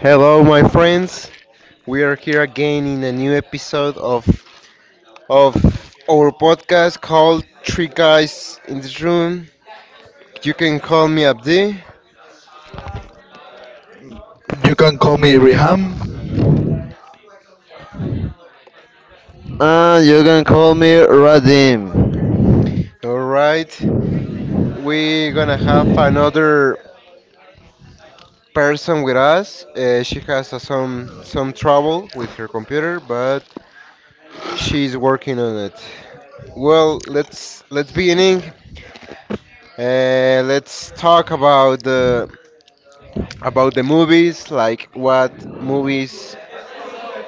Hello, my friends. We are here again in a new episode of our podcast called Three Guys in the Room. You can call me Abdi. You can call me Radim. All right. We're gonna have another person with us. She has some trouble with her computer, but she's working on it. Well, let's beginning. Let's talk about the movies, like what movies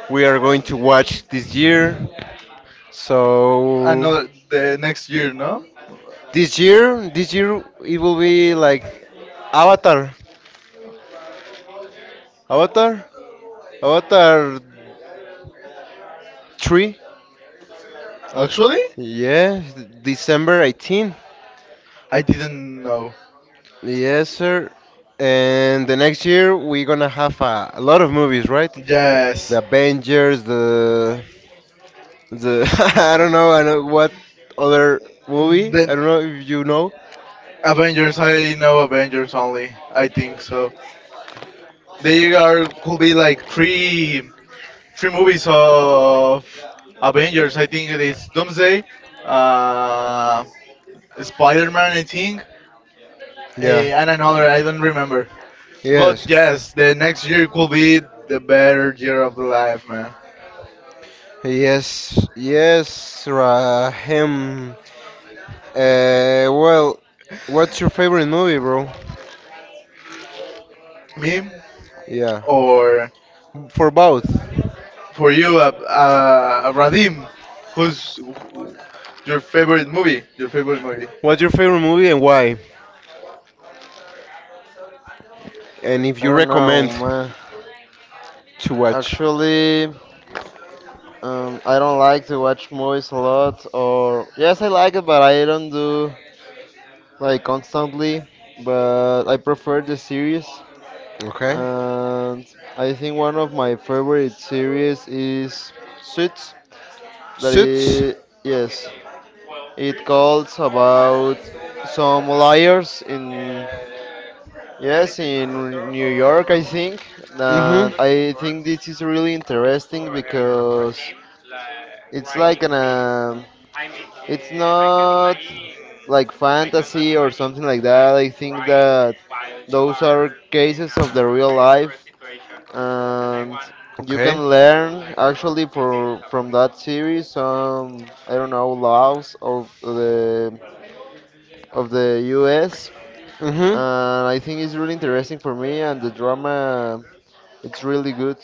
we are going to watch this year. So this year, it will be like Avatar, Avatar, Avatar three. Yes, December 18th. Yes, sir. And the next year we're gonna have a lot of movies, right? The Avengers, the I don't know, I know what other movie. I don't know if you know. Yeah. Yes. Yes, yes, Rahim. Well, what's your favorite movie, bro? Yeah. Or for both. What's your favorite movie and why? And if I you don't know, recommend man. to watch. Actually, I don't like to watch movies a lot, or yes, I like it, but I don't do like constantly. But I prefer the series, Okay. and I think one of my favorite series is Suits. That Suits? is, yes, it calls about some liars in yes, in New York. I think Mm hmm. that I think this is really interesting because it's like an it's not like fantasy or something like that. I think that those are cases of the real life, and you Okay. can learn actually for from that series some, I don't know, laws of the U.S Mm-hmm. and I think it's really interesting for me. And the drama, it's really good.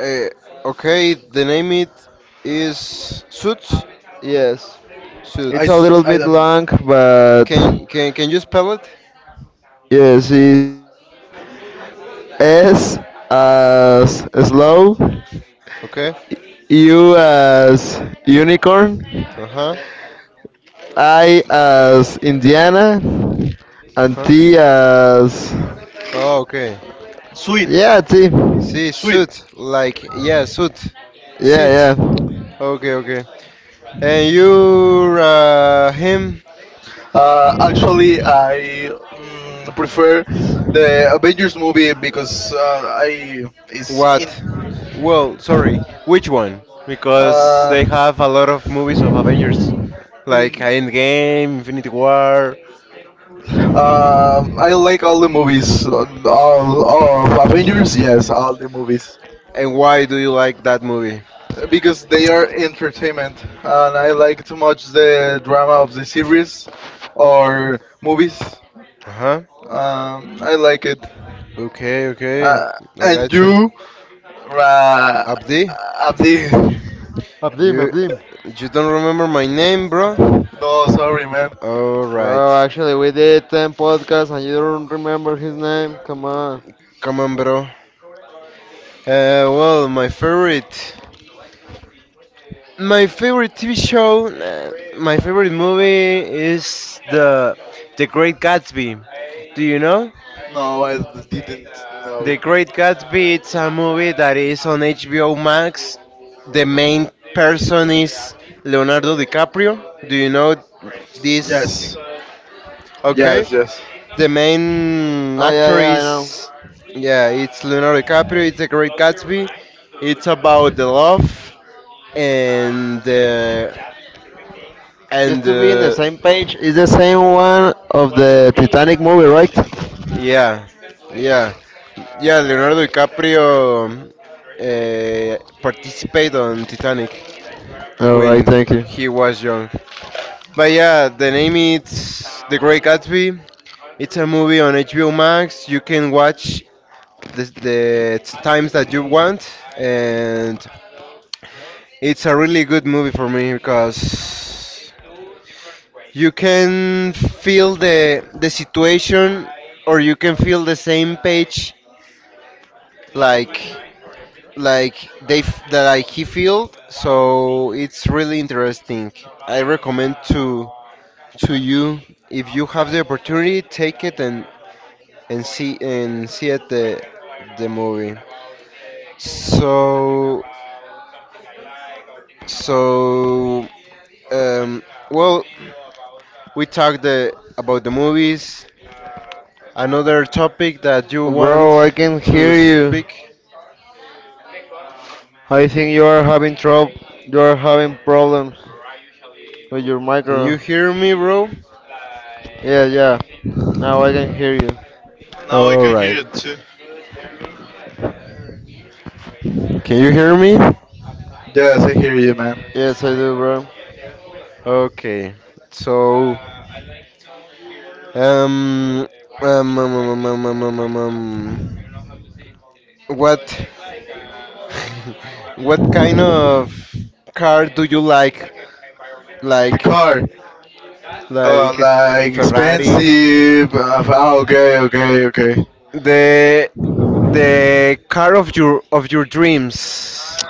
Uh, okay, the name it is Suits. Yes, it's a Suits. little bit long, but Can you spell it? yes, it- S as slow, Okay. U as unicorn, Uh huh. I as Indiana, and Huh. T as Oh, okay. yeah T, See, suit. Like yeah, suit. yeah, yeah. Suit. Okay, okay. And you're him. What? Well, sorry, which one? Because they have a lot of movies of Avengers, like Endgame, Infinity War. And why do you like that movie? Uh huh. Okay, okay, I got you. Abdi, you Abdim, Abdim. you don't remember my name, bro? All right. Bro, actually, we did 10 podcasts and you don't remember his name? Come on. Come on, bro. Well, my favorite. My favorite TV show, my favorite movie is The Great Gatsby. Do you know? The Great Gatsby, it's a movie that is on HBO Max. The main person is Leonardo DiCaprio. Do you know this? Okay. The main Oh yeah, actor yeah, I know. is, yeah, it's Leonardo DiCaprio. It's The Great Gatsby. It's about the love and the Just and to be in the the same page is the same one of the Titanic movie, right? Yeah, yeah, yeah. Leonardo DiCaprio participated on Titanic All right, when thank you, he was young. But yeah, the name is The Great Gatsby. It's a movie on HBO Max. You can watch the times that you want, and it's a really good movie for me because you can feel the situation, or you can feel the same page, like. That, like, he filled, so it's really interesting. I recommend to you. If you have the opportunity, take it, and see it the movie. So so um well, we talked about the movies, another topic that you want bro. I can to hear you. speak. I think you are having trouble. You are having problems with your Can micro. you hear me, bro? Yeah, yeah. Now I can hear you. All right. Can you hear me? Yes, I do, bro. Okay. So Um, um, um, um, um, um, um, um, um, um, what what kind of car do you like? Like like Ferrari, the the car of your dreams.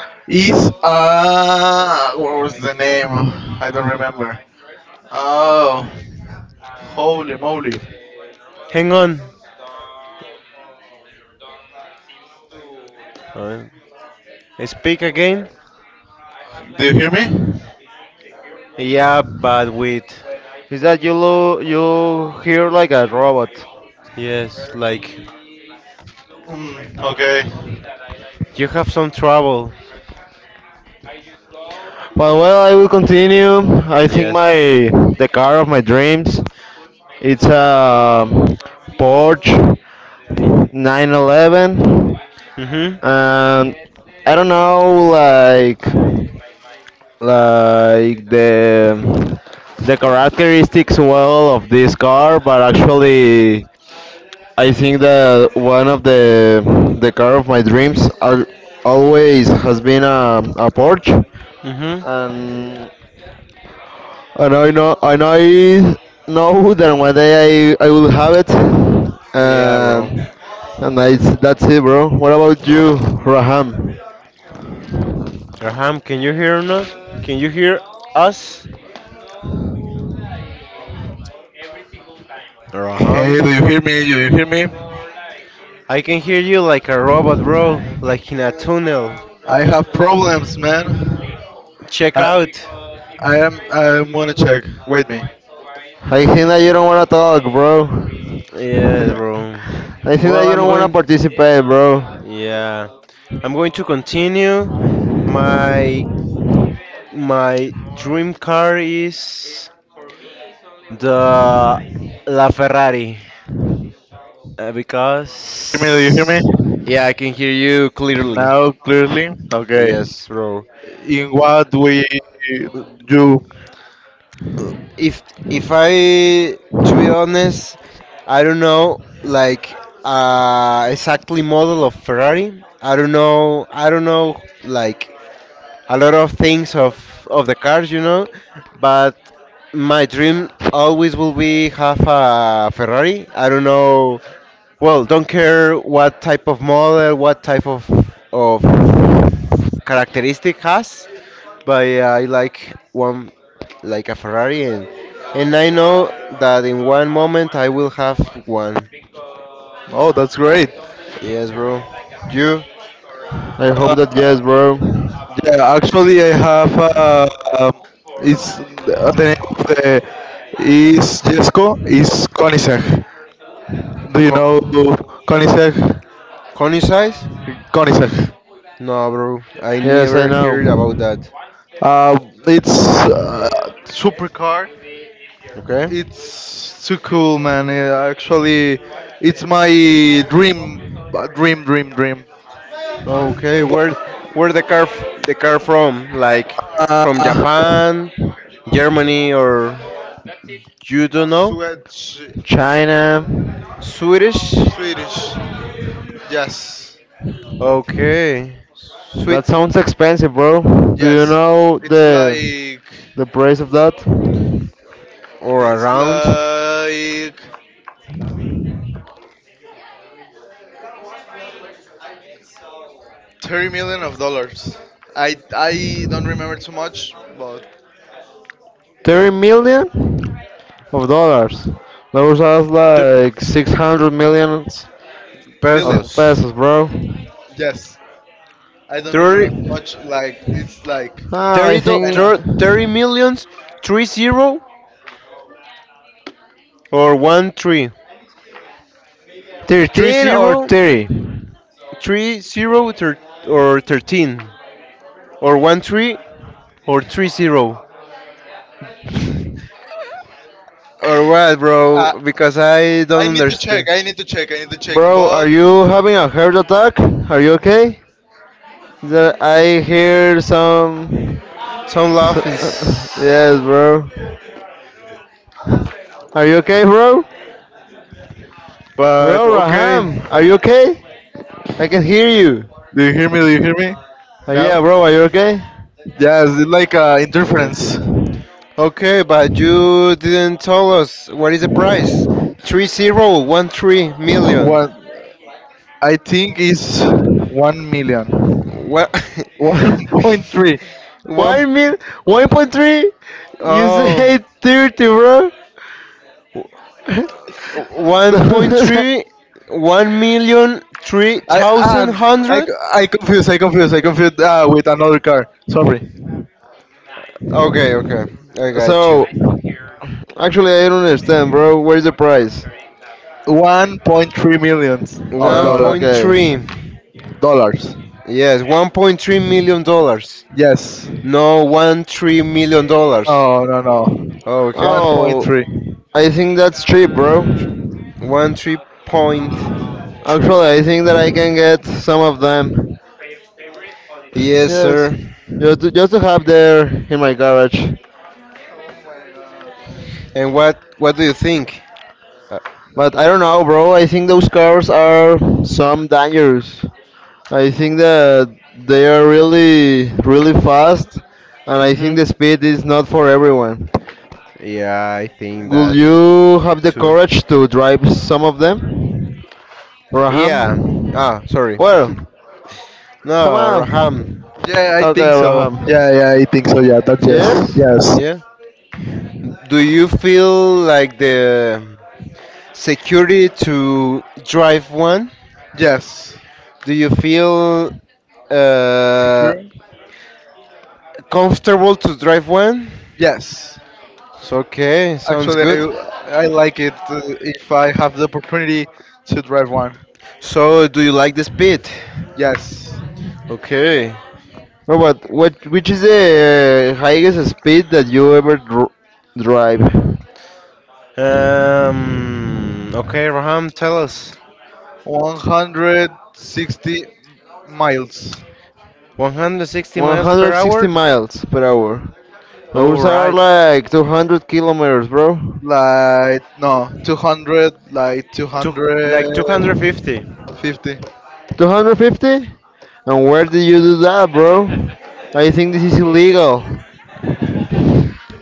Hang on. Uh, Speak again? Yeah, but with Is that you? Lo- you hear like a robot. yes, like you have some trouble. But well, I will continue. I think Yes. my the car of my dreams. It's a Porsche 911. Mm-hmm. And I don't know, like the characteristics well of this car, but actually, I think that one of the car of my dreams are always has been a Porsche, Mm-hmm. and and I know that one day I will have it, Yeah, bro. and and I, that's it, bro. What about you, Raham? Raham, can you hear us? Can you hear us? Raham? I can hear you like a robot, bro. Like in a tunnel. Check out. I think that you don't want to talk, bro. Yes, bro. I think Well, that you I'm don't want to going. participate, bro. A Yeah. I'm going to continue. My my dream car is the La Ferrari, Hear me? Do you hear because me yeah, I can hear you clearly. now clearly? Okay. Yes, bro. In what we do? Uh, If I to be honest, I don't know like exactly model of Ferrari. I don't know. I don't know, like, a lot of things of the cars. But my dream always will be have a Ferrari. I don't know. Well, don't care what type of model, what type of characteristic has, but yeah, I like one, like a Ferrari, and I know that in one moment I will have one. Oh, that's great. Yes, bro. You. I a hope that yes, bro. Yeah, actually, I have. Um, it's the name of the is Jesco is Koenigsegg. Do you know Co-. Koenigsegg? Connie size? Koenigsegg. No, bro. I Yes, I never know. heard about that. Uh, it's supercar. Okay. It's too cool, man. Actually, it's my dream, dream, dream, dream. Okay. Where the car from? Like Uh, from Japan, Germany, or you don't know? Swedish, China. Swedish. Swedish. Yes, Okay. Sweet. That sounds expensive, bro. Do you yes. know It's like the price of that? Or it's around like 30 million of dollars. I don't remember too much, but 30 million of dollars. Those are t- like 600 millions of billions. pesos. pesos, bro. Yes, I Do don't remember 30, too much. Like like it's like Ah, I 30, kind think of. 30 millions. 30, or 13. 3 13 or 0, 30. 30, or 13. Or 13 or 30. Or what, Uh, bro? Because I I don't need to check. understand. I need to check. I need to check. Bro, are But you having a heart attack? Are you okay? That I hear some. Some S laugh is. yes, bro. Are you okay, bro? But Bro, okay, Raham, are you okay? I can hear you. do you hear me? Do you hear me? No. Yeah, bro, are you okay? Yes, it's like interference. Okay. okay, but you didn't tell us what is the price? Three zero one three million. What? I think it's 1 million. What? One point three. One Why mean 1.3? You oh say 30, bro. one point three one million three I thousand and I hundred. I confused. I confused. I confused with another car. Sorry. Okay, okay, I got you. So, actually, I don't understand, bro. Where's the price? 1.3 millions of One Oh, dollar point three. okay. dollars. Yes, $1.3 million. Yes. No, 13 million dollars. No. No. No. Okay, One point Oh, three. I think that's cheap, bro. one 3.3. Actually, I think that I can get some of them. Yes, Yes, sir. Just to have there in my garage. And what do you think? Uh, But I don't know, bro. I think those cars are some dangerous. I think that they are really, really fast, and I think mhm. the speed is not for everyone. Yeah, I think Will that you have the too. courage to drive some of them, Yeah. Raham? Ah, sorry. Well, come No, Raham. on. Yeah, I think Okay, so. Raham. Yeah. Yeah, I think so. Yeah. That's yes. Yes. Yes. Yeah. Do you feel like the security to drive one? Yes. Do you feel uh, Secure. comfortable to drive one? Yes. So, okay, sounds Actually, good. I like it if I have the opportunity to drive one. So, do you like the speed? Yes. Okay. No, but what, which is the highest speed that you ever dr- drive? Okay, Raham, tell us. 160 miles. 160 miles per 160 hour. miles per hour. All Those are right. like 200 kilometers, bro. Like, no, 200, like Two, like 250. 250. 250? And where did you do that, bro? I think this is illegal.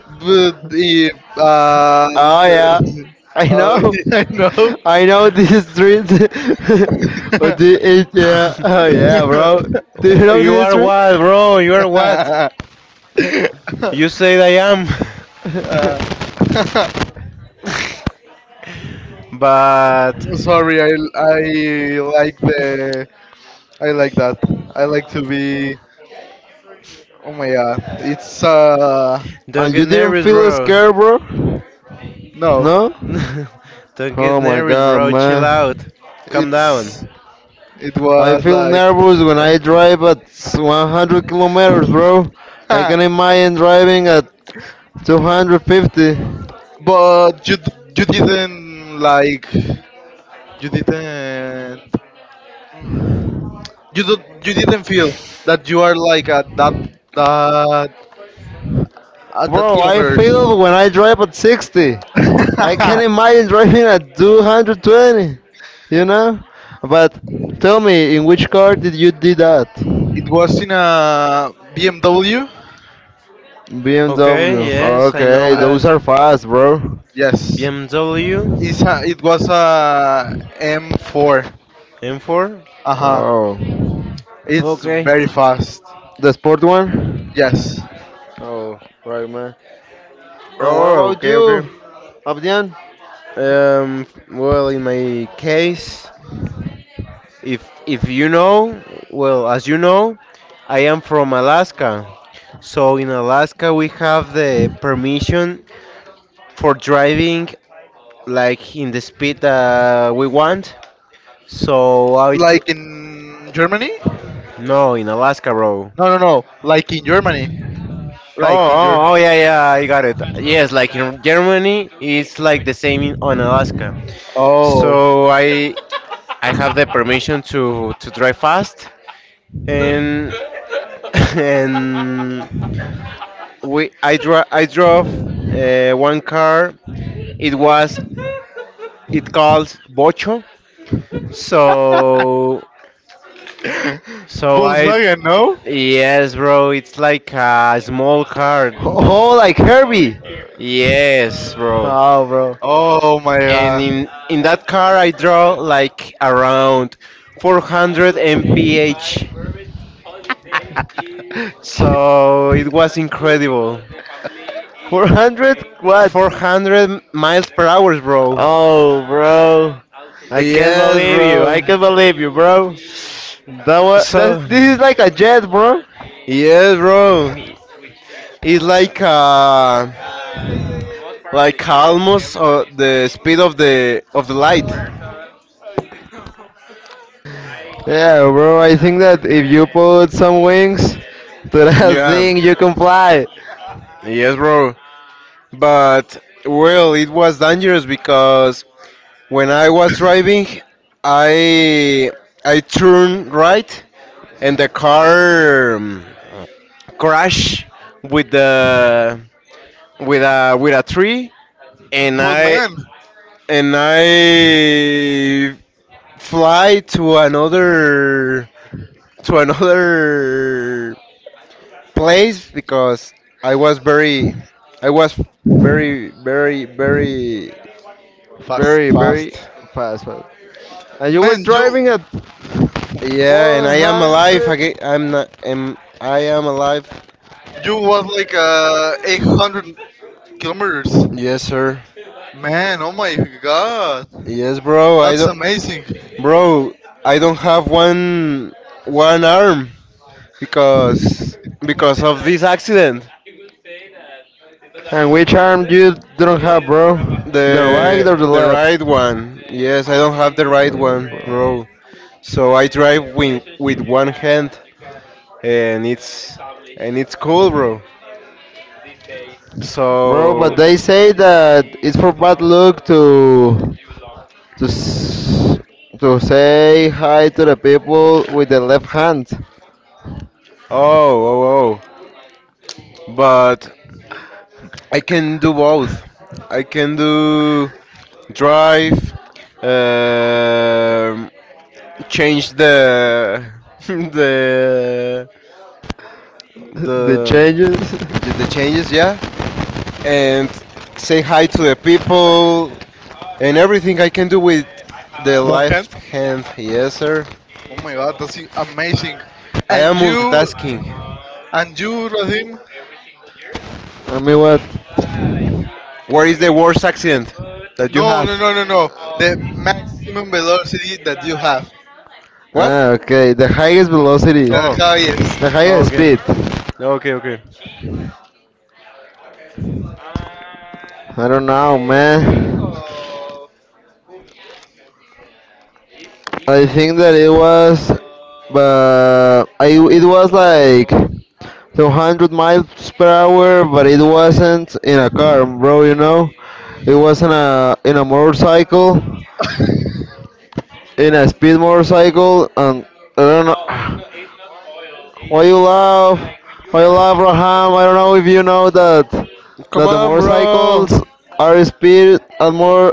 But if, Oh yeah, the- I oh, know. yeah, I know. I know this street. But the- it, yeah. Oh yeah, bro. Do you know You this are street? what, bro? You are what? You said I am. Uh, But sorry, I like the, I like that. I like to be, oh my god, it's, don't And get you didn't nervous, feel bro. scared, bro? no, No? Don't get Oh my nervous, god, bro. Chill man. out. Calm down. it's. It I was feel like, nervous when I Ay. drive at 100 kilometers, bro. I huh, can imagine driving at 250. but you d- you didn't like you didn't you don't, you didn't feel that you are like at that that Bro, I kilometers. feel when I drive at 60. I can imagine driving at 220, you know? But tell me, in which car did you do that? It was in a BMW. BMW. Okay, yes, I Okay, know Uh, those that. are fast, bro. yes, BMW it was a M4. M4. Uh huh. Oh. It's Okay. very fast. The sport one? Yes, Oh, right, man. And what Oh, about okay, okay. you, Abdian? Um, well, in my case, if you know, well, as you know, I am from Alaska. So in Alaska, we have the permission for driving like in the speed that we want. So like in Germany. no, in Alaska, bro. No, no, no. Like in Germany. Oh, Like in Germany. oh, oh, yeah, yeah, I got it. Yes, like in Germany, it's like the same on Alaska. Oh, So I have the permission to drive fast, and and we I dro I drove one car. It was it called Bocho. So so I, Volkswagen, no? yes, bro. It's like a small car. Oh, like Herbie. Yes, bro. Oh, bro. Oh my And god. in that car I draw like around 400 mph, so it was incredible. 400? What? 400 miles per hour, bro. Oh, bro. I can't Yes, believe you. I bro. can't believe you, bro. That was So that. This is like a jet, bro. yes, bro, it's like, like almost, the speed of the light. Yeah, bro. I think that if you put some wings. To that Yeah. thing, you comply. Yes, bro. But well, it was dangerous because when I was driving, I I turned right and the car, crashed with the, with a tree, and But I man, and I fly to another, to another place because I was very I was very, very, very fast. Very, very fast. fast, fast. And you were Man, you driving at Yeah, and I am alive 400 again. I'm not. Am I? Am alive. you was like 800 kilometers. Yes, sir. Man, oh my god. Yes, bro. I That's don't, amazing. bro. I don't have one arm because of this accident. and which arm you don't have, bro? The right The or the the left? right one. Yes, I don't have the right one, Bro. bro. So I drive with one hand, and it's, cool, bro. Bro, but So they say that it's for bad luck to s- to say hi to the people with the left hand. oh, oh, oh, but I can do both. I can do drive, um change the the The the changes. the changes, yeah, and say hi to the people, and everything I can do with the One hand? left hand. Yes, sir. Oh my god, that's amazing. I And am you multitasking. and you Radim? I mean what? What is the worst accident that you No, have? no, no, no, no. The maximum velocity that you have. What? Ah, okay. The highest velocity. The Oh. highest The higher Okay. speed. Okay, okay. I don't know, man. I think that it was, but I it was like 200 miles per hour, but it wasn't in a car, bro. You know, it was in a motorcycle, in a speed motorcycle, and I don't know. Why you laugh? Why you laugh, Raham? I don't know if you know that Come that the on, bro. motorcycles are speed at more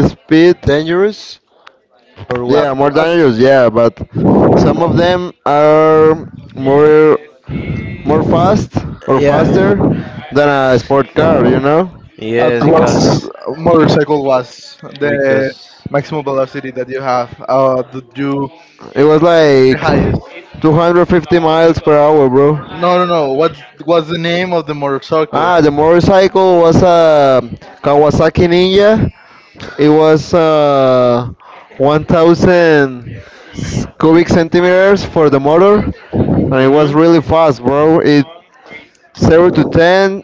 speed. Dangerous or at, what? Yeah, more at dangerous. Yeah, but some of them are more more fast or Yeah. faster than a sport car. You know, At Yes, what because motorcycle was the because maximum velocity that you have? Did you it was the like highest? 250 miles per hour, bro. No, no, no. What was the name of the motorcycle? Ah, the motorcycle was a Kawasaki Ninja. It was 1,000 s- cubic centimeters for the motor, and it was Mhm. really fast, bro. It zero to ten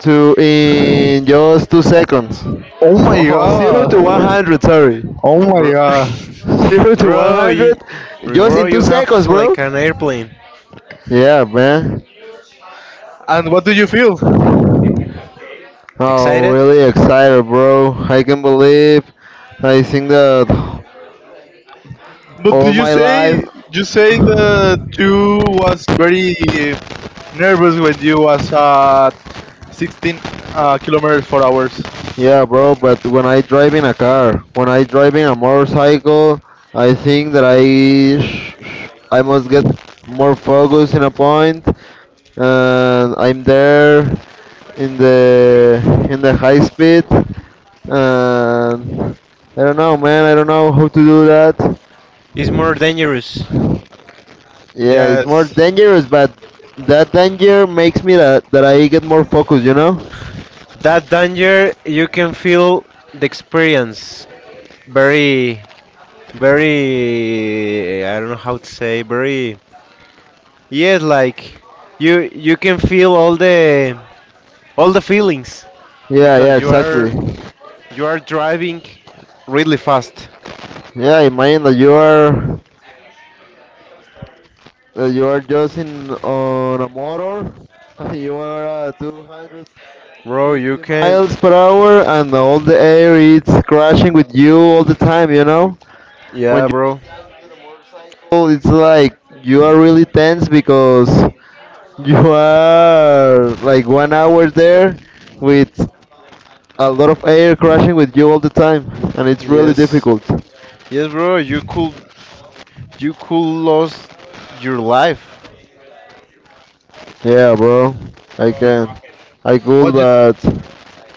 to in just 2 seconds. Oh my Oh, Zero god! to 100, sorry. Oh my bro, god! Zero to bro, you, 100, just bro, in two you have seconds, bro. like an airplane. Yeah, man. And what do you feel? Oh, Excited? really excited, bro. I can believe I think that But do all my life. You say that you was very nervous when you was at 16 kilometers for hours? Yeah, bro, but when I drive in a car, when I drive in a motorcycle, I think that I must get more focus in a point and I'm there in the high speed and I don't know, man, I don't know how to do that. It's more dangerous. Yeah, it's more Yes. dangerous, but that danger makes me that, that I get more focused, you know? That danger, you can feel the experience very, very, I don't know how to say, very, yes, like, you can feel all the feelings Yeah, yeah, because you exactly. are you are driving really fast. Yeah, imagine that you are just in on a motor, you are Bro, you 250 can, miles per hour, and all the air is crashing with you all the time, you know? When yeah, you bro. get down to the motorcycle, it's like you are really tense because you are like 1 hour there with a lot of air crashing with you all the time, and it's really Yes. difficult. Yes, bro, you could lose your life. Yeah, bro, I can, I could, What you? but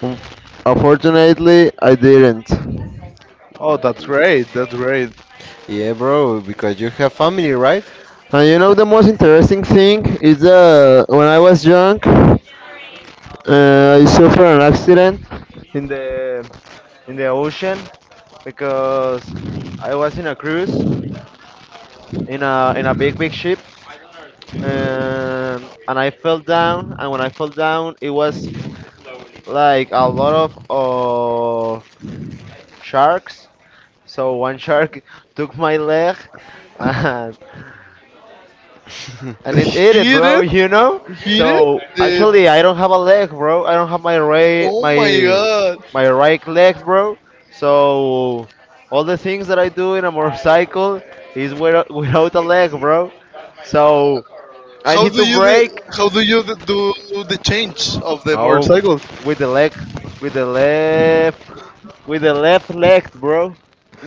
un- unfortunately, I didn't. And Oh, that's great. That's great. Yeah, bro, because you have family, right? you know the most interesting thing is that when I was young, I suffered an accident in the in the ocean because I was in a cruise in a big big ship and I fell down and when I fell down it was like a lot of sharks. So one shark took my leg and and it ate it, Hit bro. it. You know. Hit it. So Did. actually, I don't have a leg, bro. I don't have my right Oh my my god. my right leg, bro. So all the things that I do in a motorcycle is without, without a leg, bro. So I How need do to you brake. the, how do you the, do the change of the Oh, motorcycles? with the leg, with the left, with the left leg, bro.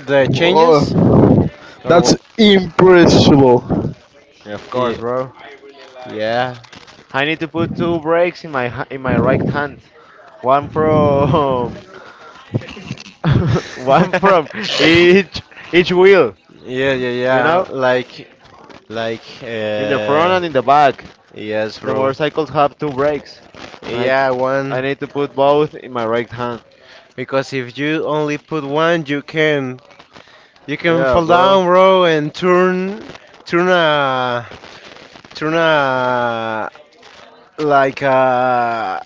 The changes Oh. or That's what? impossible. Of Yeah, course, bro. yeah. I need to put two brakes in my ha- in my right hand. One from one from each each wheel, Yeah, yeah, you know, yeah. Like, like, in the front uh, and in the back. yes, The bro. motorcycles have two brakes. I Yeah, I one. need to put both in my right hand. Because if you only put one, you can Yeah, fall bro. down, bro, and turn a turn a like a,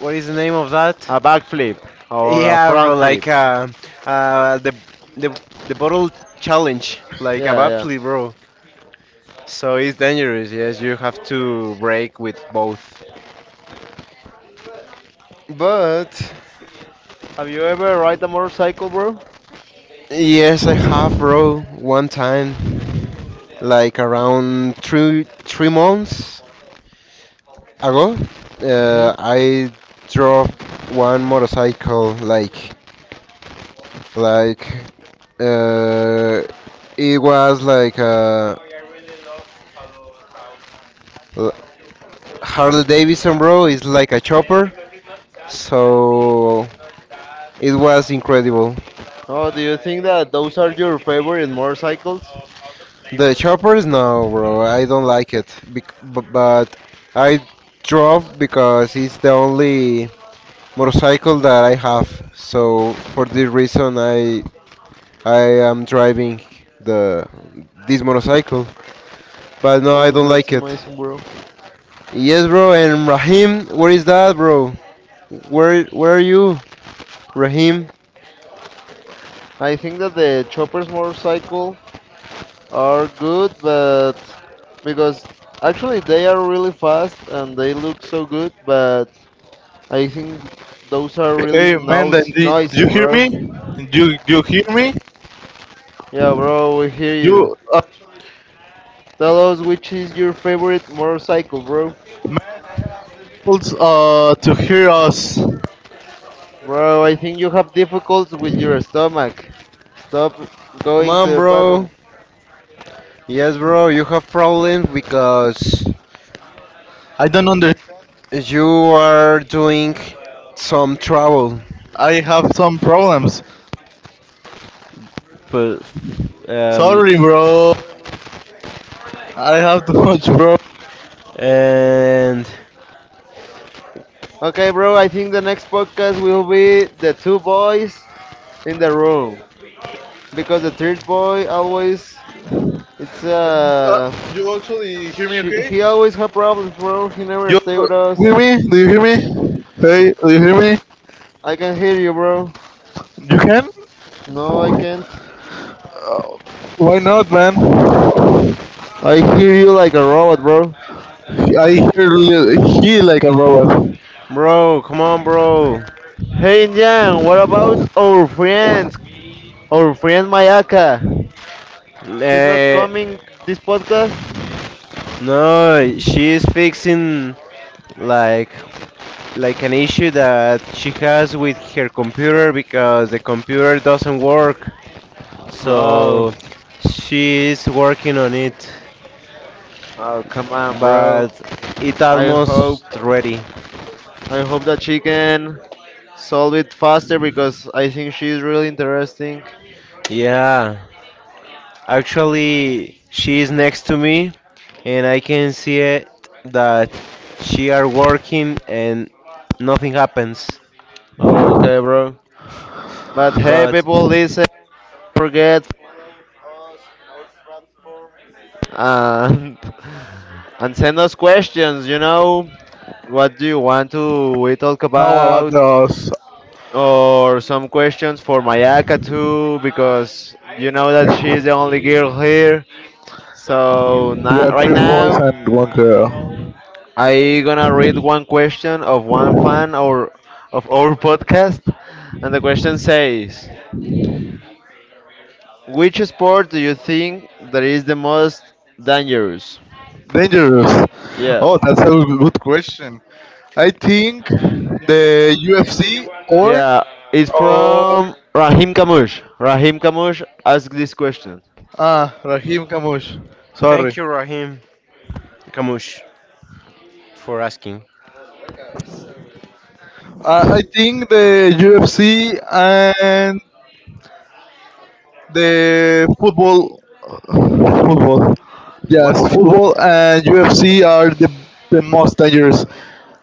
what is the name of that? A back flip or a Yeah, bro, front flip. like, the, the the bottle challenge, like Yeah, yeah. abruptly, bro. So it's dangerous. Yes, you have to break with both. But Have you ever ride a motorcycle, bro? yes, I have, bro. One time, like around three months ago, Hmm. I drove one motorcycle, like, like uh, it was like, uh, Harley Davidson, bro, is like a chopper, so it was incredible. Oh, do you think that those are your favorite motorcycles? The choppers, no, bro, I don't like it, but I drove because it's the only motorcycle that I have. So for this reason, I am driving the this motorcycle, but no, I Oh, don't that's like it. amazing, bro. Yes, bro, and Rahim, where is that, bro? Where are you, Rahim? I think that the choppers motorcycle are good, but because actually they are really fast and they look so good, but I think those are really Hey man, then noisy, do noisy, you hear bro. me? Do you hear me? Yeah, bro, we hear you. You are Tell us which is your favorite motorcycle, bro. supposed to hear us. Bro, I think you have difficulties with your stomach. Stop Come going to on, the bro. bathroom. Yes, bro, you have problems because I don't understand. you are doing some trouble. I have some problems. But, um, Sorry, bro. I have too much, bro. and Okay, bro, I think the next podcast will be the two boys in the room because the third boy always it's Uh, you actually hear me? she, Okay. he always have problems, bro. He never You, stay with you us. hear me? Do you hear me? Hey, do you hear me? I can hear you, bro. You can? No, I can't. Uh, why not, man? I hear you like a robot, bro. He like a robot. bro, come on, bro. Hey, Jan, what about our friends? Our friend Mayaka. She's not Eh, coming this podcast. no, she is fixing like, an issue that she has with her computer because the computer doesn't work. Oh, So she is working on it, oh, come on, bro. but it I hope, almost ready. I hope that she can solve it faster because I think she's really interesting. Yeah, actually, she is next to me, and I can see it that she are working and nothing happens. Okay, bro. But hey, But people, listen. Forget and and send us questions. You know, what do you want to we talk Now about about, us. or some questions for Mayaka too, because you know that she is the only girl here. So You na have right three boys now, and one girl. I gonna read one question of one fan or of our podcast, and the question says, which sport do you think that is the most dangerous? Dangerous. Yeah. Oh, that's a good question. I think the UFC or Yeah, it's or from Rahim Kamush. Rahim Kamush asked this question. ah Rahim Kamush. Sorry. thank you, Rahim Kamush, for asking. I think the UFC and the football, football, What? yes, football and UFC are the most dangerous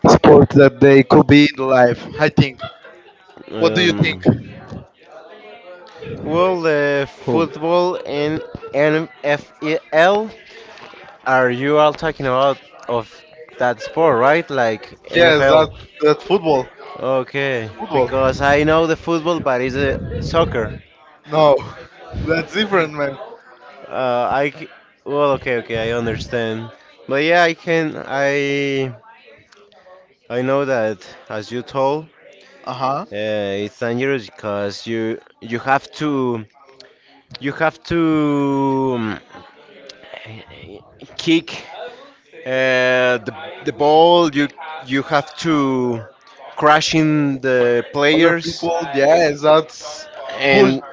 sport that they could be in life. I think. What do you think? Um, well, the Who? football and NFL. Are you all talking about of that sport, right? Like Yes, that NFL. that football. Okay, Football. because I know the football, but it's a soccer. No, that's different, man. Uh, I c- well, okay, okay, I understand. But yeah, I can. I know that as you told, Uh huh. It's dangerous because you have to you have to um, kick. Uh, the, the ball, you have to crash in the Other players. people. Yes, Yes, that's push. and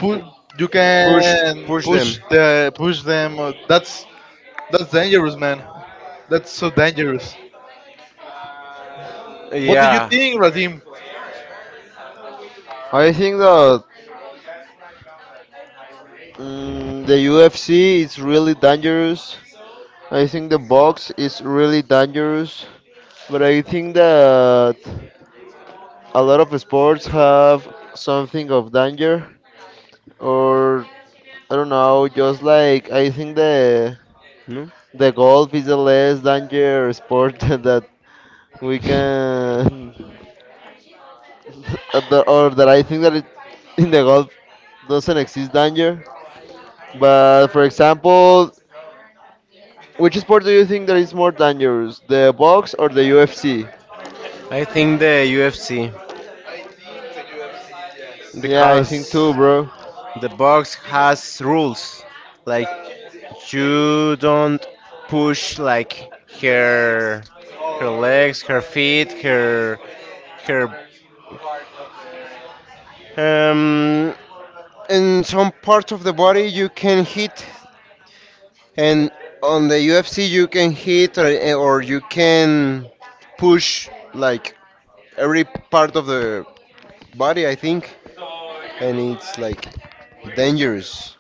Push. You push. can Okay, push push them. the push them. That's dangerous, man. That's so dangerous. What do you Yeah. think, Radim? I think that mm, the UFC is really dangerous. I think the box is really dangerous. But I think that a lot of sports have something of danger. Or, I don't know, just like I think the, No? the golf is the less danger sport that we can. The, or that I think that it, in the Gulf doesn't exist danger. But for example, which sport do you think that is more dangerous, the box or the UFC? I think the UFC, yes, Yeah, I because think too, bro. the box has rules, like, you don't push like her legs, her feet, her her um in some part of the body you can hit, and on the UFC you can hit, or you can push like every part of the body, I think, and it's like dangerous.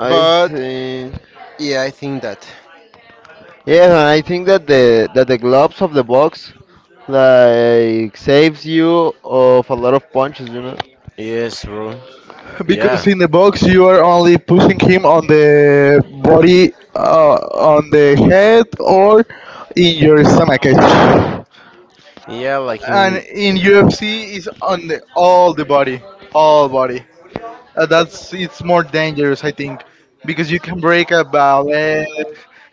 I But think yeah, I think that. yeah, and I think that the gloves of the box like saves you of a lot of punches, you know. Yes, bro. Because Yeah. in the box you are only pushing him on the body, on the head, or in your stomach. Yeah, like And in, in UFC is on the all the body, all body. That's it's more dangerous, I think, because you can break a leg,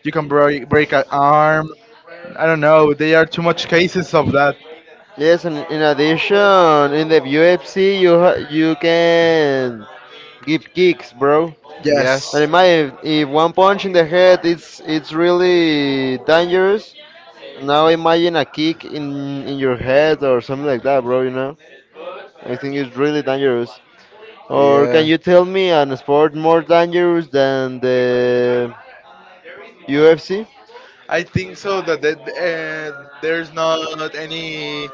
you can break an arm. I don't know. There are too much cases of that. Yes, and in addition, in the UFC, you can give kicks, bro. Yes. yes. And imagine if one punch in the head, it's really dangerous. Now imagine a kick in your head or something like that, bro. You know, I think it's really dangerous. Or can you tell me an sport more dangerous than Yeah. the UFC? I think so that there's not any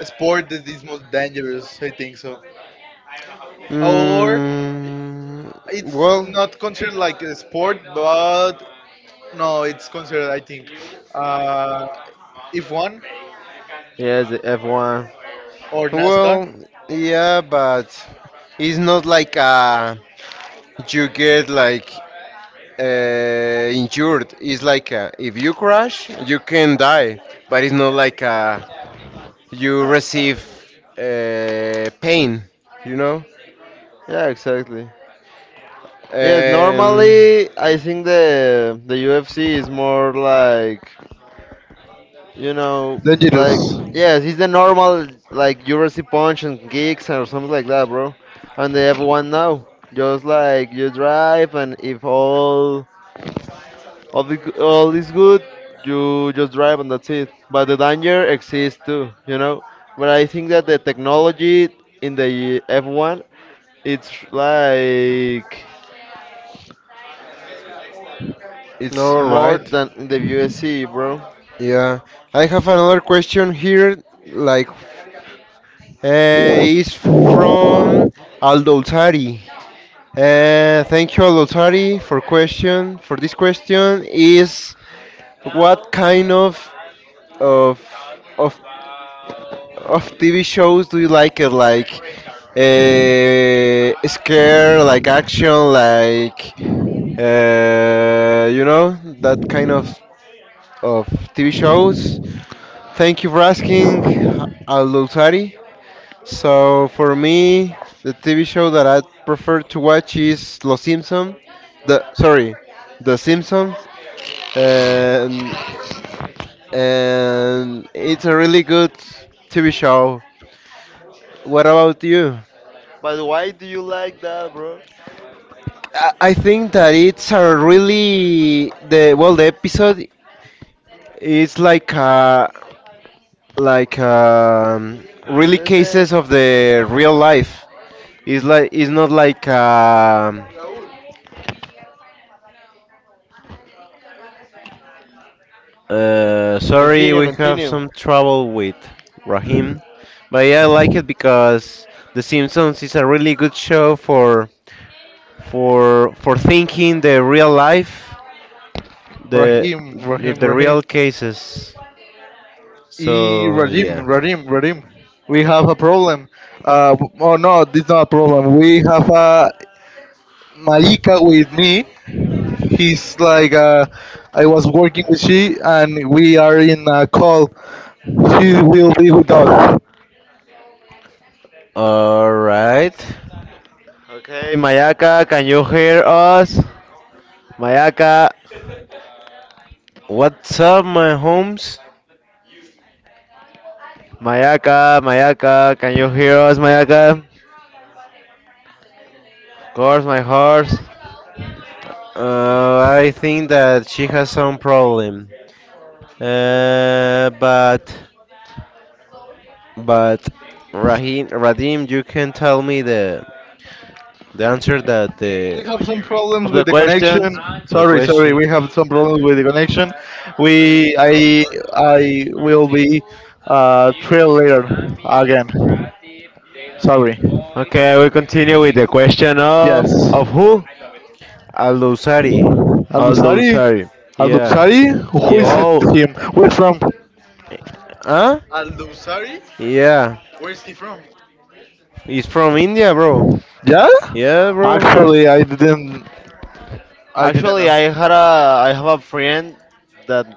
sport that is most dangerous. I think so. Or Mm, it's well, not considered like a sport, but no, it's considered. I think uh, if one Yes, the F1. or NASCAR. well, yeah, but it's not like, you get like, injured. It's like, if you crash, you can die, but it's not like, you receive, pain, you know. Yeah, exactly. Yes, Um, normally I think the UFC is more like you know like Dangerous. yes, it's the normal like UFC punch and kicks or something like that, bro. And they have one now, just like you drive and if all is good, you just drive and that's it. But the danger exists too, you know. But I think that the technology in the F1 it's like it's All more right. than in the USA, bro. Yeah. I have another question here. Like, is from Aldoltari. Thank you, Aldoltari, for question. For this question is, what kind of of of TV shows do you like it? Like, scare, like action, like, that kind of of TV shows. Thank you for asking, Alutari. So for me, the TV show that I prefer to watch is Los Simpson. The sorry, The Simpsons, and and it's a really good TV show. What about you? But why do you like that, bro? I think that it's a really, the, well, the episode is like a like, really Understand? cases of the real life. It's like, it's not like, sorry, Continue, we have continue. some trouble with Rahim, but yeah, I like it because The Simpsons is a really good show for thinking the real life, the Rahim, the, Rahim, the Rahim. real cases. E So Radim, yeah. Radim, Radim. We have a problem. Oh no, it's not a problem. We have a Malika with me. He's like I was working with she, and we are in a call. She will be with us. All right. Okay, Mayaka, can you hear us? Mayaka, What's up, my homes? Mayaka, can you hear us, Mayaka? Of course, my horse. I think that she has some problem. Uh, but But Rahim, Radim, you can tell me the answer that We the have some problems Of with the the questions. connection. Sorry, sorry. We question. have some problems with the connection. We, I, I will be trail later again. Sorry. Okay, we continue with the question of Yes. of who? Al Dosari. Al Aldo Dusari? Sari. Al Yeah, Dusari? Who is yeah. it Oh, him? Where from? Huh? Al Dusari? Yeah. He's from India, bro. Yeah? Yeah, bro. Actually I didn't actually, know. I have a friend that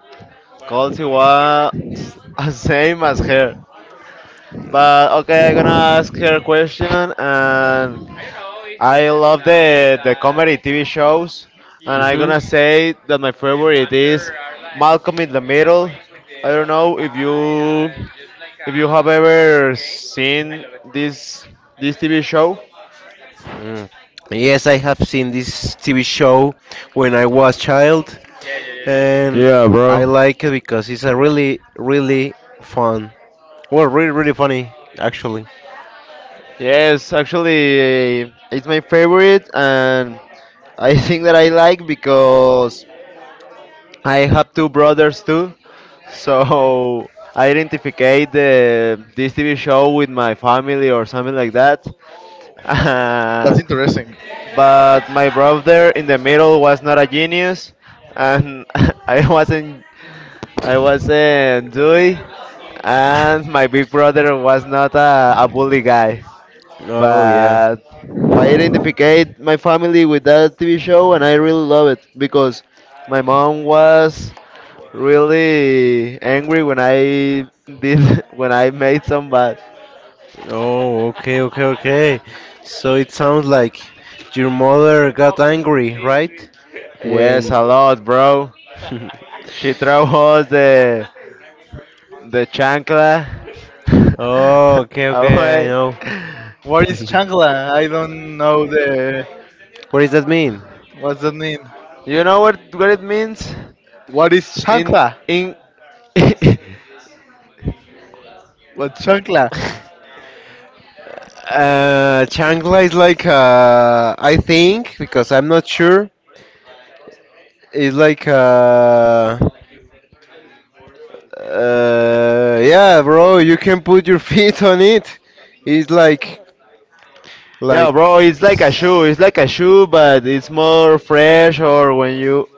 calls he was same as her. But okay, I'm gonna ask her a question, and I love the comedy TV shows, and I'm Mhm. gonna say that my favorite is Malcolm in the Middle. I don't know if you have ever seen this this TV show. Yeah, Mm. Yes, I have seen this TV show when I was child, yeah. and Yeah, I bro. like it because it's a really, really fun. Well, really, really funny, actually. Yes, actually, it's my favorite, and I think that I like because I have two brothers too, so I identify the this TV show with my family or something like that. Uh, That's interesting. but my brother in the middle was not a genius, and I wasn't I wasn't doing, and my big brother was not a bully guy Oh, yeah. but I identified my family with that TV show, and I really love it because my mom was really angry when I did when I made some bad. Oh, okay, okay, okay. So it sounds like your mother got angry, right? Yes, a When. lot, bro. She throw us the chancla Oh, okay, okay, I away. know. What is chancla? I don't know the. What does that mean? What's that mean? You know what it means? What is In chancla? in What chancla? Changla is like, I think, because I'm not sure. It's like, yeah, bro, you can put your feet on it. It's like, Yeah, like, bro, it's like a shoe. s- It's like a shoe, but it's more fresh or when you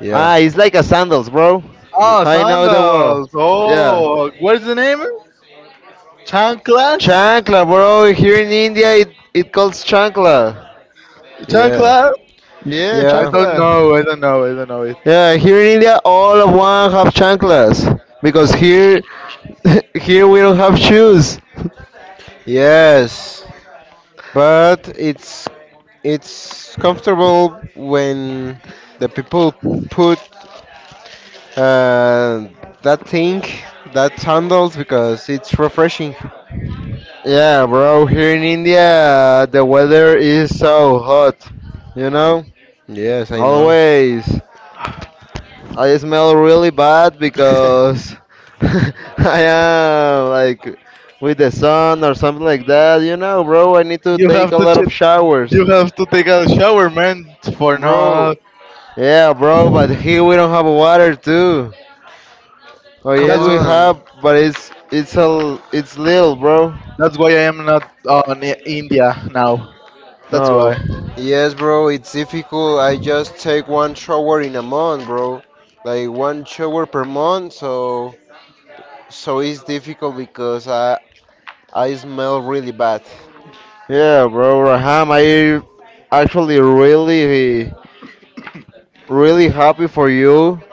yeah, Ah, it's like a sandals, bro. Y- Oh, I know the world. sandals. Yeah. Oh, what's the name? Chanclas? Chancla, bro. Here in India it calls chancla. yeah, Chancla? Yeah, I yeah, don't chancla. know. I don't know. I don't know it. Yeah, here in India all of one have chanclas because here here we don't have shoes. yes. But it's comfortable when the people put, uh, that thing, that sandals, because it's refreshing. Yeah, bro, here in India the weather is so hot, you know? Yes, I know. Always. I smell really bad because I am like with the sun or something like that. You know, bro, I need to You take have a to lot check. of showers. You have to take a shower, man, for not. Bro, Yeah, bro, but here we don't have water too. Oh come yes, That's we on. have, but it's a it's little, bro. that's why I am not on India now. That's Oh, why. Yes, bro, it's difficult. I just take one shower in a month, bro. Like one shower per month, so it's difficult because I smell really bad. yeah, bro, Raham, I actually really happy for you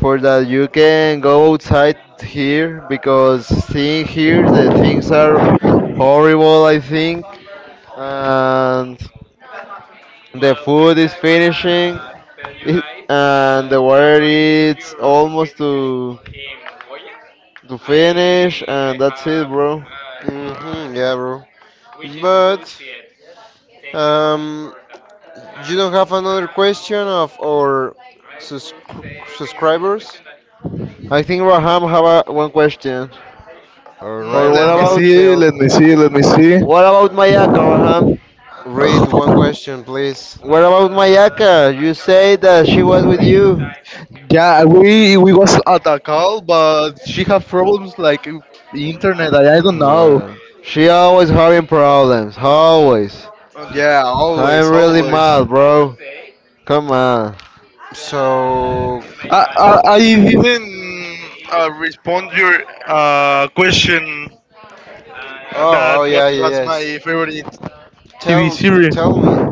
for that you can go outside here because seeing here the things are horrible I think and the food is finishing it- and the water is almost to finish and that's it bro. Mhm, yeah, bro. But Um, you don't have another question of our subscribers? I think Raham have a, one question All right, or what Let me Abraham, about see. Let me see. Let me see. what about Mayaka Raham. read Ugh, one question, please. What about Mayaka? You say that she was with you. yeah, we was at a call, but she have problems like the internet. I don't know. Uh, she always having problems. Always. Yeah, I'm always, really always. mad, bro. Come on. So, I I didn't respond your question that oh, what yeah, yeah, was my yes. favorite TV Tell, series. tell me,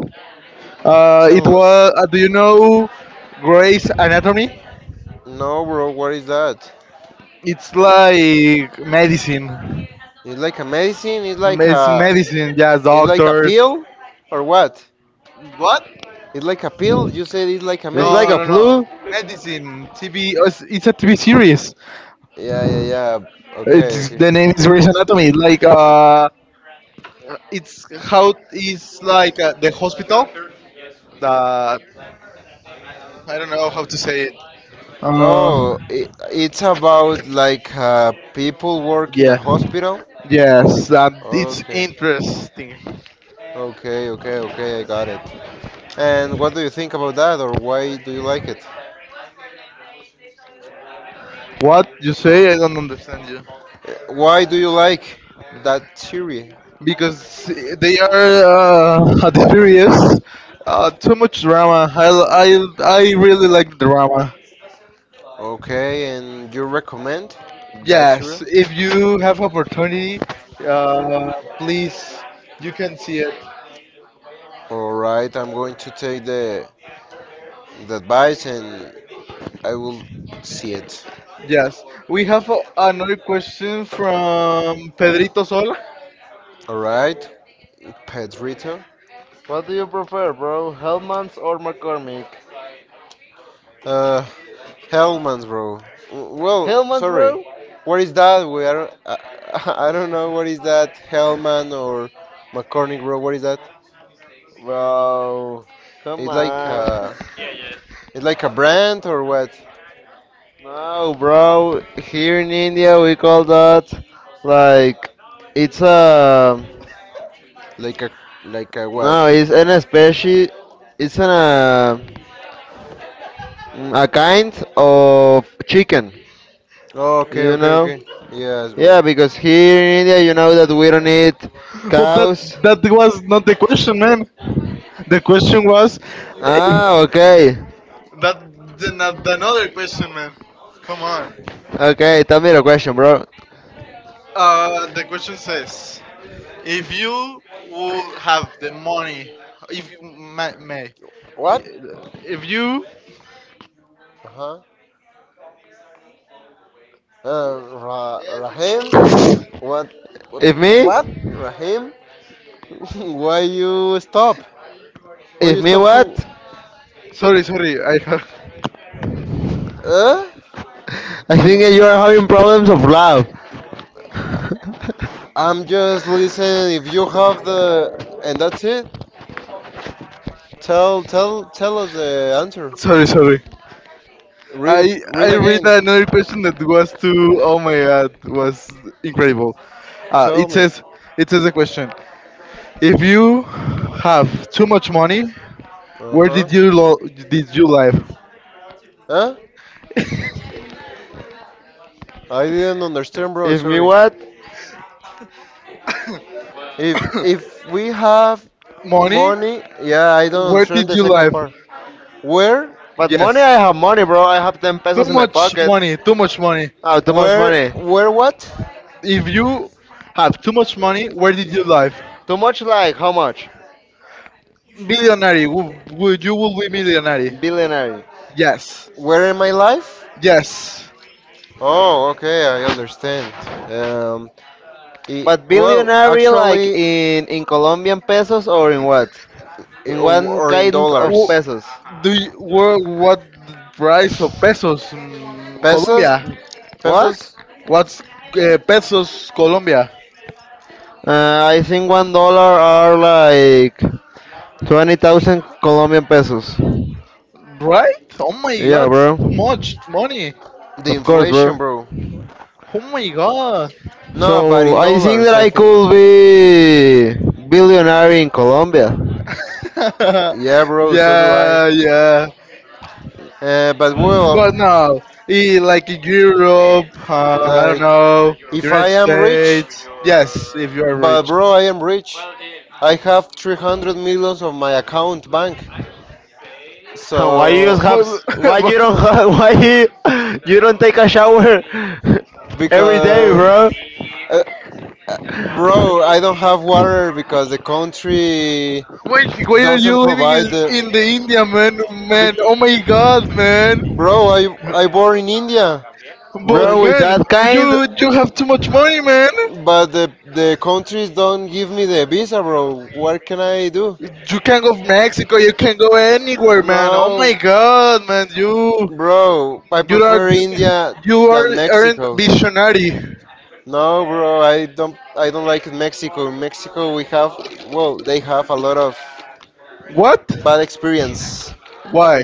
It tell was. us. Do you know Grey's Anatomy? No, bro, what is that? It's like medicine. It's like a medicine. It's medicine. Yeah, It's like a doctors. pill, or what? What? It's like a pill. You said it's like a It's like No, a no, medicine. no. flu. Medicine TV. It's a TV series. Yeah, yeah, yeah. Okay, It's the okay. name is Grey's Anatomy. Like it's how it's like the hospital. That I don't know how to say it. Uh, Oh, it's about like, people work in a yeah. hospital? Yes, it's Okay. interesting. Okay, okay, okay, I got it. And what do you think about that, or why do you like it? What you say? I don't understand you. Why do you like that series? Because they are at the series too much drama. I really like drama. Okay, and you recommend that Yes, series? if you have opportunity, uh, please you can see it. All right, I'm going to take the advice and I will see it. Yes, we have another question from Pedrito Sol. Alright, Pedrito. What do you prefer, bro? Hellman's or McCormick? Uh, Hellman's, bro. Well, Hellman's, sorry. bro? What is that? We I don't. I don't know what is that. Hellman or McCormick, bro. What is that? Bro, come It's like on. uh, it's like a brand or what? No, bro. Here in India, we call that like it's a Like a what? no. It's an species. It's an a, a kind of chicken. Oh, okay, You okay, know? okay. Yes, Yeah, bro. because here in India, you know that we don't eat But that cows. that was not the question, man. The question was Ah, that okay. Another question, man. Come on. Okay, tell me the question, bro. Uh, the question says. If you would have the money, if you may What? if you, Uh huh. Rahim? What? What? If What? me? Rahim? Why you stop? Why If you me stop what? to? sorry, sorry, I have, Uh? I If think that you are having problems of love. I'm just listening, if you have the, and that's it. Tell tell tell us the answer. sorry, sorry. Read it. I Read I read again. another question that was too. Oh my God, was incredible. Uh, Tell it me. says it says a question. If you have too much money, Uh where did you huh. Live? Huh? I didn't understand, bro. if me Sorry. what? If we have Money? money, yeah, I don't Where understand did the you second live? part. Where But money, Yes. I have money, bro. I have 10 Too pesos in my much pocket. money. Too much money. Oh, too much money. What? If you have too much money, where did you live? Too much, like, how much? Millionaire. Would you will be millionaire? Billionaire. Yes. Where in my life? Yes. Oh, okay, I understand. Um, I But well, billionaire, like, actually, in Colombian pesos or in what? In one or in kind of Wo- dollars, pesos. What price of pesos pesos, Colombia? What? pesos, What's pesos Colombia? I think $1 are like 20,000 Colombian pesos. Right? Oh my Yeah, god, it's bro. too much money. the Of course, inflation, bro. bro. Oh my god. No, but So in I think dollars, that I I think. could be billionaire in Colombia. Yeah, bro, so do I. yeah, yeah. But But no, well, like in Europe, I don't like, know, if I United am rich, States. Yes, if you are but rich. bro, I am rich. I have 300 millions of my account bank. And why you just So, have? But, Why but you don't? Have, why you, you don't take a shower every day, because, bro? uh, bro, I don't have water because the country why are you doesn't living provide the. in the India, man? Man, Be- oh my God, man! Bro, I born in India. What But are Bro, you with man, talking? that kind. you have too much money, man. But the countries don't give me the visa, bro. What can I do? You can go Mexico. You can go anywhere, man. Oh No, my God, man! Bro. I You are you are prefer India you than aren't Mexico. visionary. No, bro. I don't. I don't like Mexico. In Mexico, we have. Well, they have a lot of What? bad experience. Why?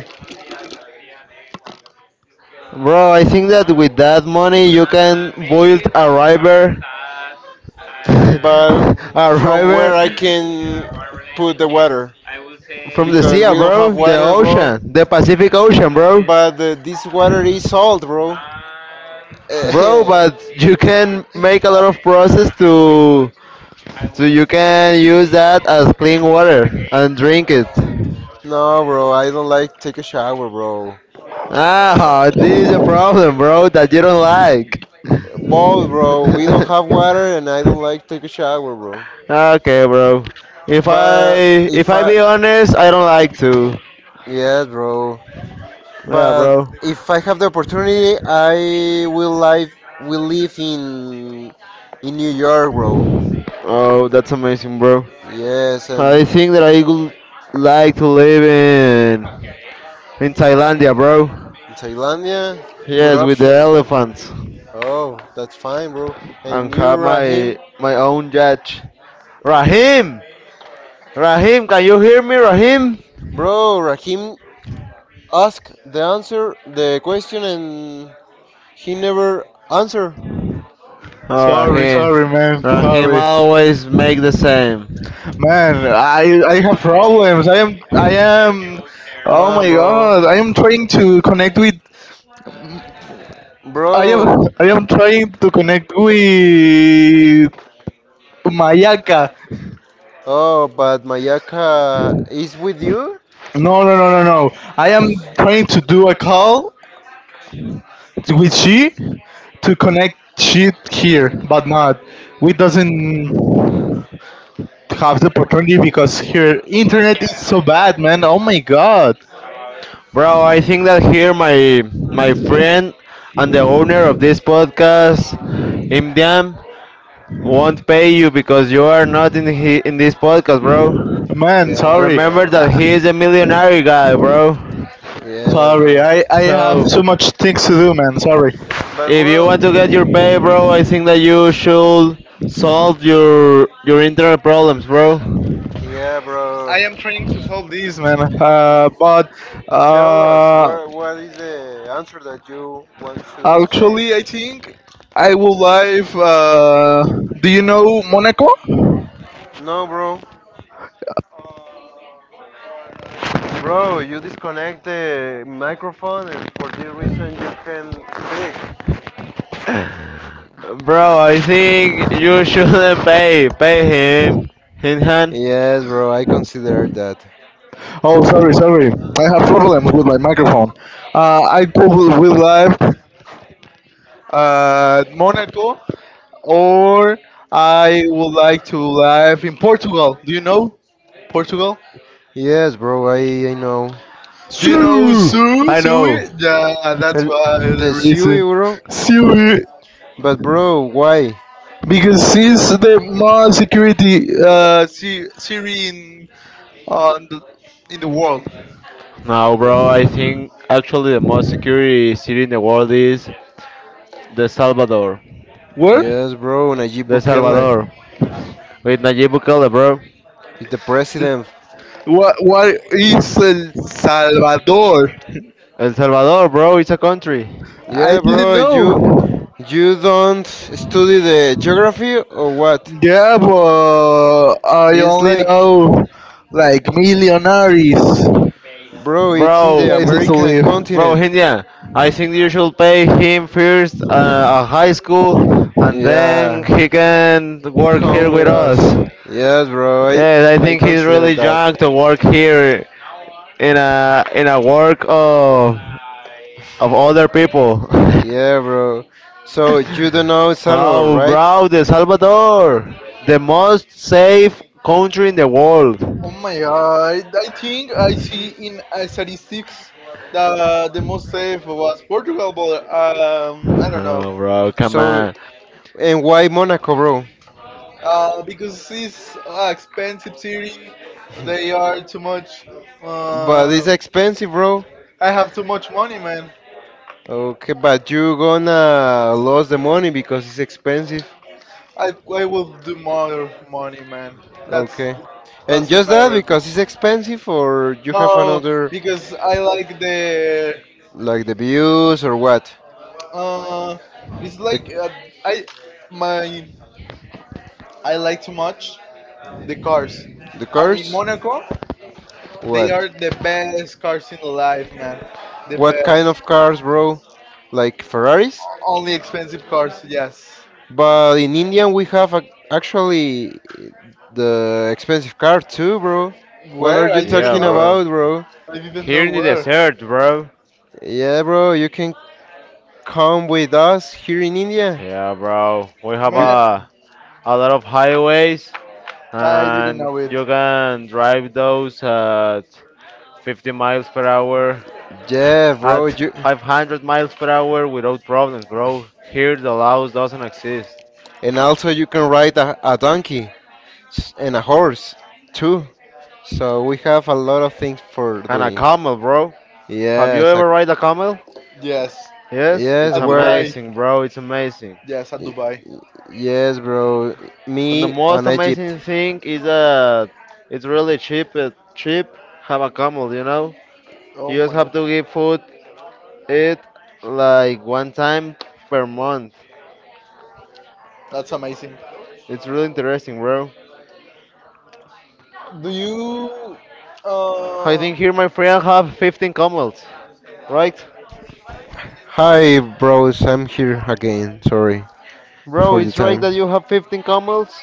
Bro, I think that with that money you can build a river, But a from where river I can put the water, from the because sea, we don't have bro, the water, bro. ocean, the Pacific Ocean, bro. But, this water is salt, bro. Bro, but you can make a lot of process to, so you can use that as clean water and drink it. No, bro, I don't like take a shower, bro. Ah, this is a problem, bro, that you don't like. Both, bro. We don't have water, and I don't like take a shower, bro. Okay, bro. If But I if if I I, be honest, I don't like to. yes, bro. Yeah, But bro. if I have the opportunity, I will live. Will live in New York, bro. Oh, that's amazing, bro. Yes, and I think that I would like to live in Thailandia, bro. in Thailandia, good Yes, with the option. elephants Oh, that's fine, bro. And and you, have Rahim? my own yacht. Rahim, Rahim, can you hear me, Rahim? Bro, Raheem asked the answer, the question, and he never answered. Oh, Sorry, Rahim, sorry, man. Rahim Sorry, always make the same. man. I have problems. I am. Come Oh on, my bro. God! I am Bro. I am trying to connect with Mayaka. Oh, but Mayaka is with you? No no no no no. I am trying to do a call with she to connect she here, but not. We doesn't have the opportunity because here internet is so bad, man. Oh my god, Bro, I think that here my friend and the owner of this podcast, Imdiam, won't pay you because you are not in he, in this podcast, bro. man. Yes, Sorry, Remember bro. that Uh, he is a millionaire guy, bro. Yeah, sorry. I bro. have So so much things to do, man. Sorry. But if you want well, to get your pay, bro, I think that you should solve your internal problems, bro. yeah, bro. I am trying to solve this, man. But Tell us uh, what is the answer that you want to say? actually, I think I would like. Do you know Monaco? No, bro. Bro, you disconnect the microphone and for this reason you can speak. Bro, I think you shouldn't pay him in hand. Yes, bro, I consider that. Oh, sorry, sorry. I have problems with my microphone. I would like Monaco, or I would like to live in Portugal. Do you know Portugal? Yes, bro, I know. Do you know Sue! Sue? I know. Sue? Yeah, that's why the The Sui, reason. bro? Sue. But, bro, why? Because since the more security Siri on the, in the world, Now, Uh, bro, I think actually the most security city in the world is The Salvador. where? Yes, bro, Nayib The Bukele Salvador. With Nayib Bukele, bro. is the president. What is El Salvador? El Salvador, bro, it's a country. I Yeah, didn't bro, you know. you don't study the geography or what? Yeah, but I It's only like know like millionaires Bro, it's in the Bro, places to American live. bro, continent. India, I think you should pay him first a high school and then Yeah, he can work here come with with us. us. Yes, bro, I, Yes, I I think he's consider really that. drunk to work here in a work of other people. Yeah, bro. So, you don't know El Salvador, Oh, right? bro, the Salvador, the most safe country in the world. Oh my god! I think I see in statistics that the most safe was Portugal, but I don't know. Oh, bro, come So, on. and why Monaco, bro? Because it's expensive city. They are too much. But Uh, it's expensive, bro. I have too much money, man. Okay, but you gonna lose the money because it's expensive. I I will do more money, man. That's Okay. And doesn't just that matter me. because it's expensive, or you have No, another, because I like the. like the views or what? Uh, it's The like I my I like too much the cars, and in cars? Monaco they What? are the best cars in life, man. The What kind best. of cars, bro? Like Ferraris? Only expensive cars, yes. But in India we have ac actually the expensive car too, bro. What are Where? you I didn't Yeah, talking know. bro. about, bro? I didn't Here know in the where. desert, bro. Yeah, bro, you can come with us here in India. Yeah, bro. We have You, Man, a lot of highways, I didn't and know it. you can drive those at 50 miles per hour, yeah, at bro. 500 miles per hour without problems, bro. Here the laws doesn't exist. And also you can ride a donkey, and a horse too. So we have a lot of things for And a doing. camel, bro. Have you Yes, ever ride a camel? Yes, Yes, yes, it's at Dubai. amazing, bro. It's amazing. Yes, at Dubai. yes, bro. And the Me most on Egypt. amazing thing is that it's really cheap. Cheap, have a camel, you know. Oh You just my, have to give food it like one time per month. that's amazing. It's really interesting, bro. Do you? I Uh, think here my friend have 15 camels, right? Hi, bros. I'm here again. Sorry Bro, for the it's right time. that you have 15 camels?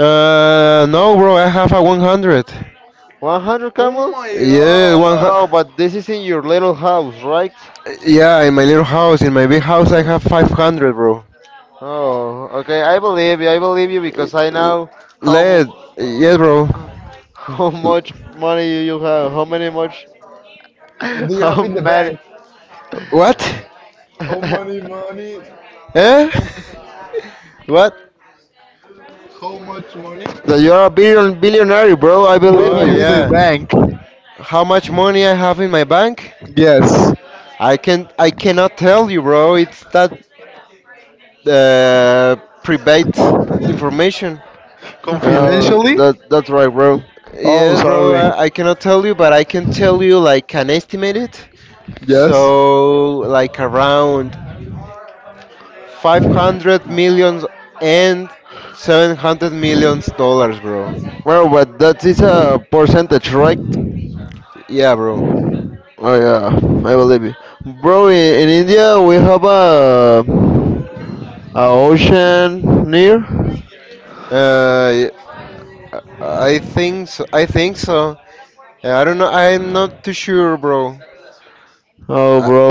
No, bro. I have a 100. 100 oh camels? my Yeah, Oh, God! but this is in your little house, right? yeah, in my little house, in my big house, I Uh, have 500, bro. oh, okay. I believe you. I believe you Y- because I L- know how Led, mu- yes, bro. how L- much money you have. How many much? Do you have How in the many? bank? What? How many money? Eh? What? How much money? That you are a billionaire, bro. I Do believe you Oh have you. in the yeah. bank? How much money I have in my bank? Yes. I cannot tell you, bro. It's that, uh, private information. Oh, Confidentially? that that's right, bro. Oh, Yes, bro. sorry. I cannot tell you, but I can tell you like an estimated. Yes. So like around 500 millions and 700 millions dollars, bro. Bro, but that is a percentage, right? Yeah, bro. Oh yeah, I believe you, bro. In India, we have a ocean near. Uh, I think so. I think so. I don't know. I'm not too sure, bro. Oh, I, bro.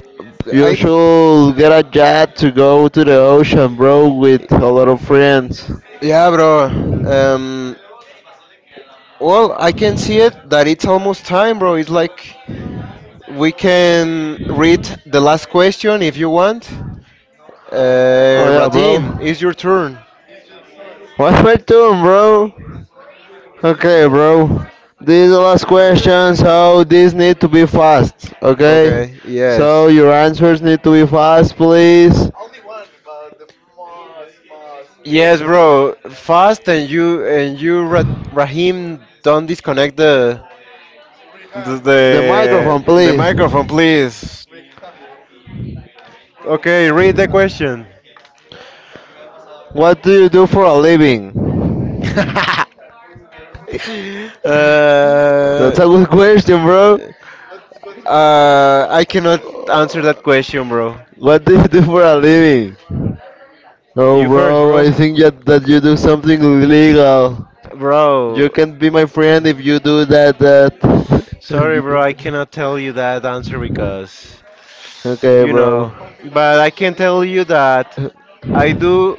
You I th- should get a jet to go to the ocean, bro, with a lot of friends. yeah, bro. Um, well, I can see it that it's almost time, bro. It's like we can read the last question if you want. Oh yeah, bro. Rahim, Radim, it's your turn. it's your turn What's my turn, bro? Okay, because bro. you These are was last the questions, first, so these need to be fast, okay? Okay. So Yes. your answers need to be fast, please. only one, but the most, most big Yes, bro. question. Fast, and you and Rahim, don't disconnect the Reham, The microphone, please. Reham, microphone, please, please. Reham, bro, Okay, please, read the question. Reham. What do you do for a living? That's uh, a good question, bro. What's the question? I didn't I cannot understand. answer that question, bro. What do you do for a living? Oh, You first, bro, bro. I think that, that you do something illegal. You Bro, can be my friend if you do that. If you sorry, bro. do I that. cannot tell you that answer because Okay, you bro. know. But I Confidential can tell you information. that I do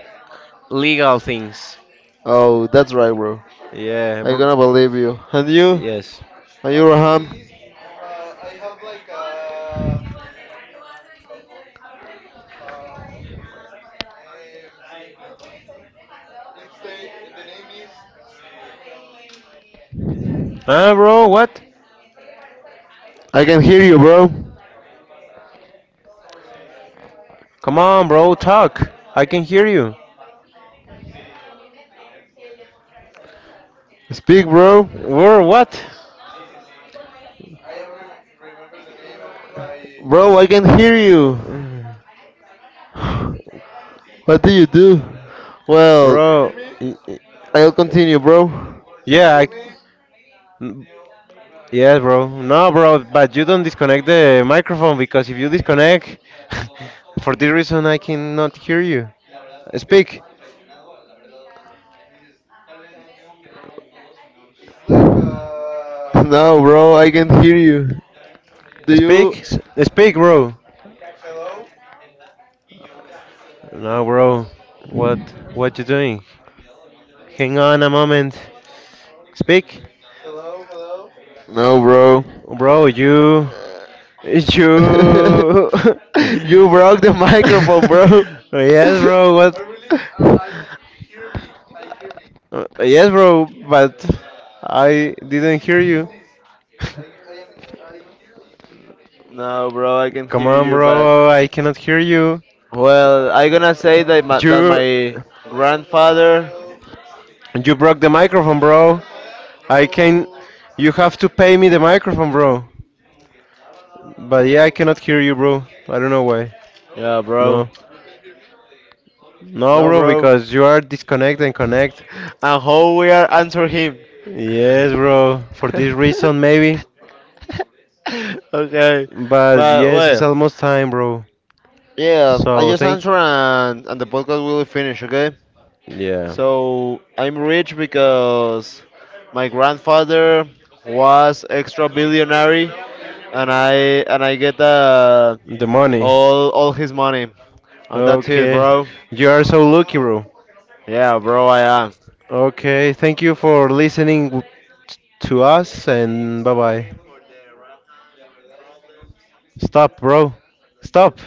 legal things. Oh, that's right, bro. Yeah, I am bro. gonna believe you. And you? Yes. And you, Raham? Actually, I have like a. Uh, what's the name? It's the name is. Ah, bro? What? I can hear you, bro. Come on, bro. Talk. I can hear you. Speak, bro. Or what? I am remember the name of my. Bro, I can hear you. What do you do? Well, Do you hear Bro, me? y- y- I'll continue, bro. Do you yeah, hear me? n- yes, bro. No, bro, but you don't disconnect the microphone because if you disconnect, for this reason, I cannot hear you. Speak, It's like No, bro, I can't hear you. Do you? speak, s- Speak, bro. hello, No, bro, what, what you doing? Hang on a moment. Speak, hello, hello. No, bro. bro. You. You broke the microphone, bro. Yes, bro. What, No, really, I hear me. I hear me. Yes, bro, but Nick, I see didn't this, see hear this, see you. this. I am. I hear me. I hear me. No, bro, I can Come hear on, you, but bro, I cannot hear you. well, I gonna say Uh, that my, or- that You my hello, grandfather. hello. you broke the microphone, bro. I can No, You have to pay me the microphone, bro. But yeah, I cannot no. hear you, bro. I don't know why. Hello? Yeah, bro. No. You can hear me? No, No, bro, bro. because you are disconnect and connect. And how we are answer him. Yes, bro. For this reason maybe. Okay, But but yes, it's well, almost time, bro. yeah. I So just thank answer and the podcast will finish. Okay. Yeah. So I'm rich because my grandfather was extra Hello, hello, hello, billionaire, hello. Do you hear me? and I get The money. all his money, Do you and hear that's me? Do it, you Okay. hear bro. me? You are Hello, so lucky, hello. bro. Do you hear Yeah, me? bro. I am. Hello, Okay, hello, thank you for hello. listening to us, and bye bye. Stop, bro. Stop.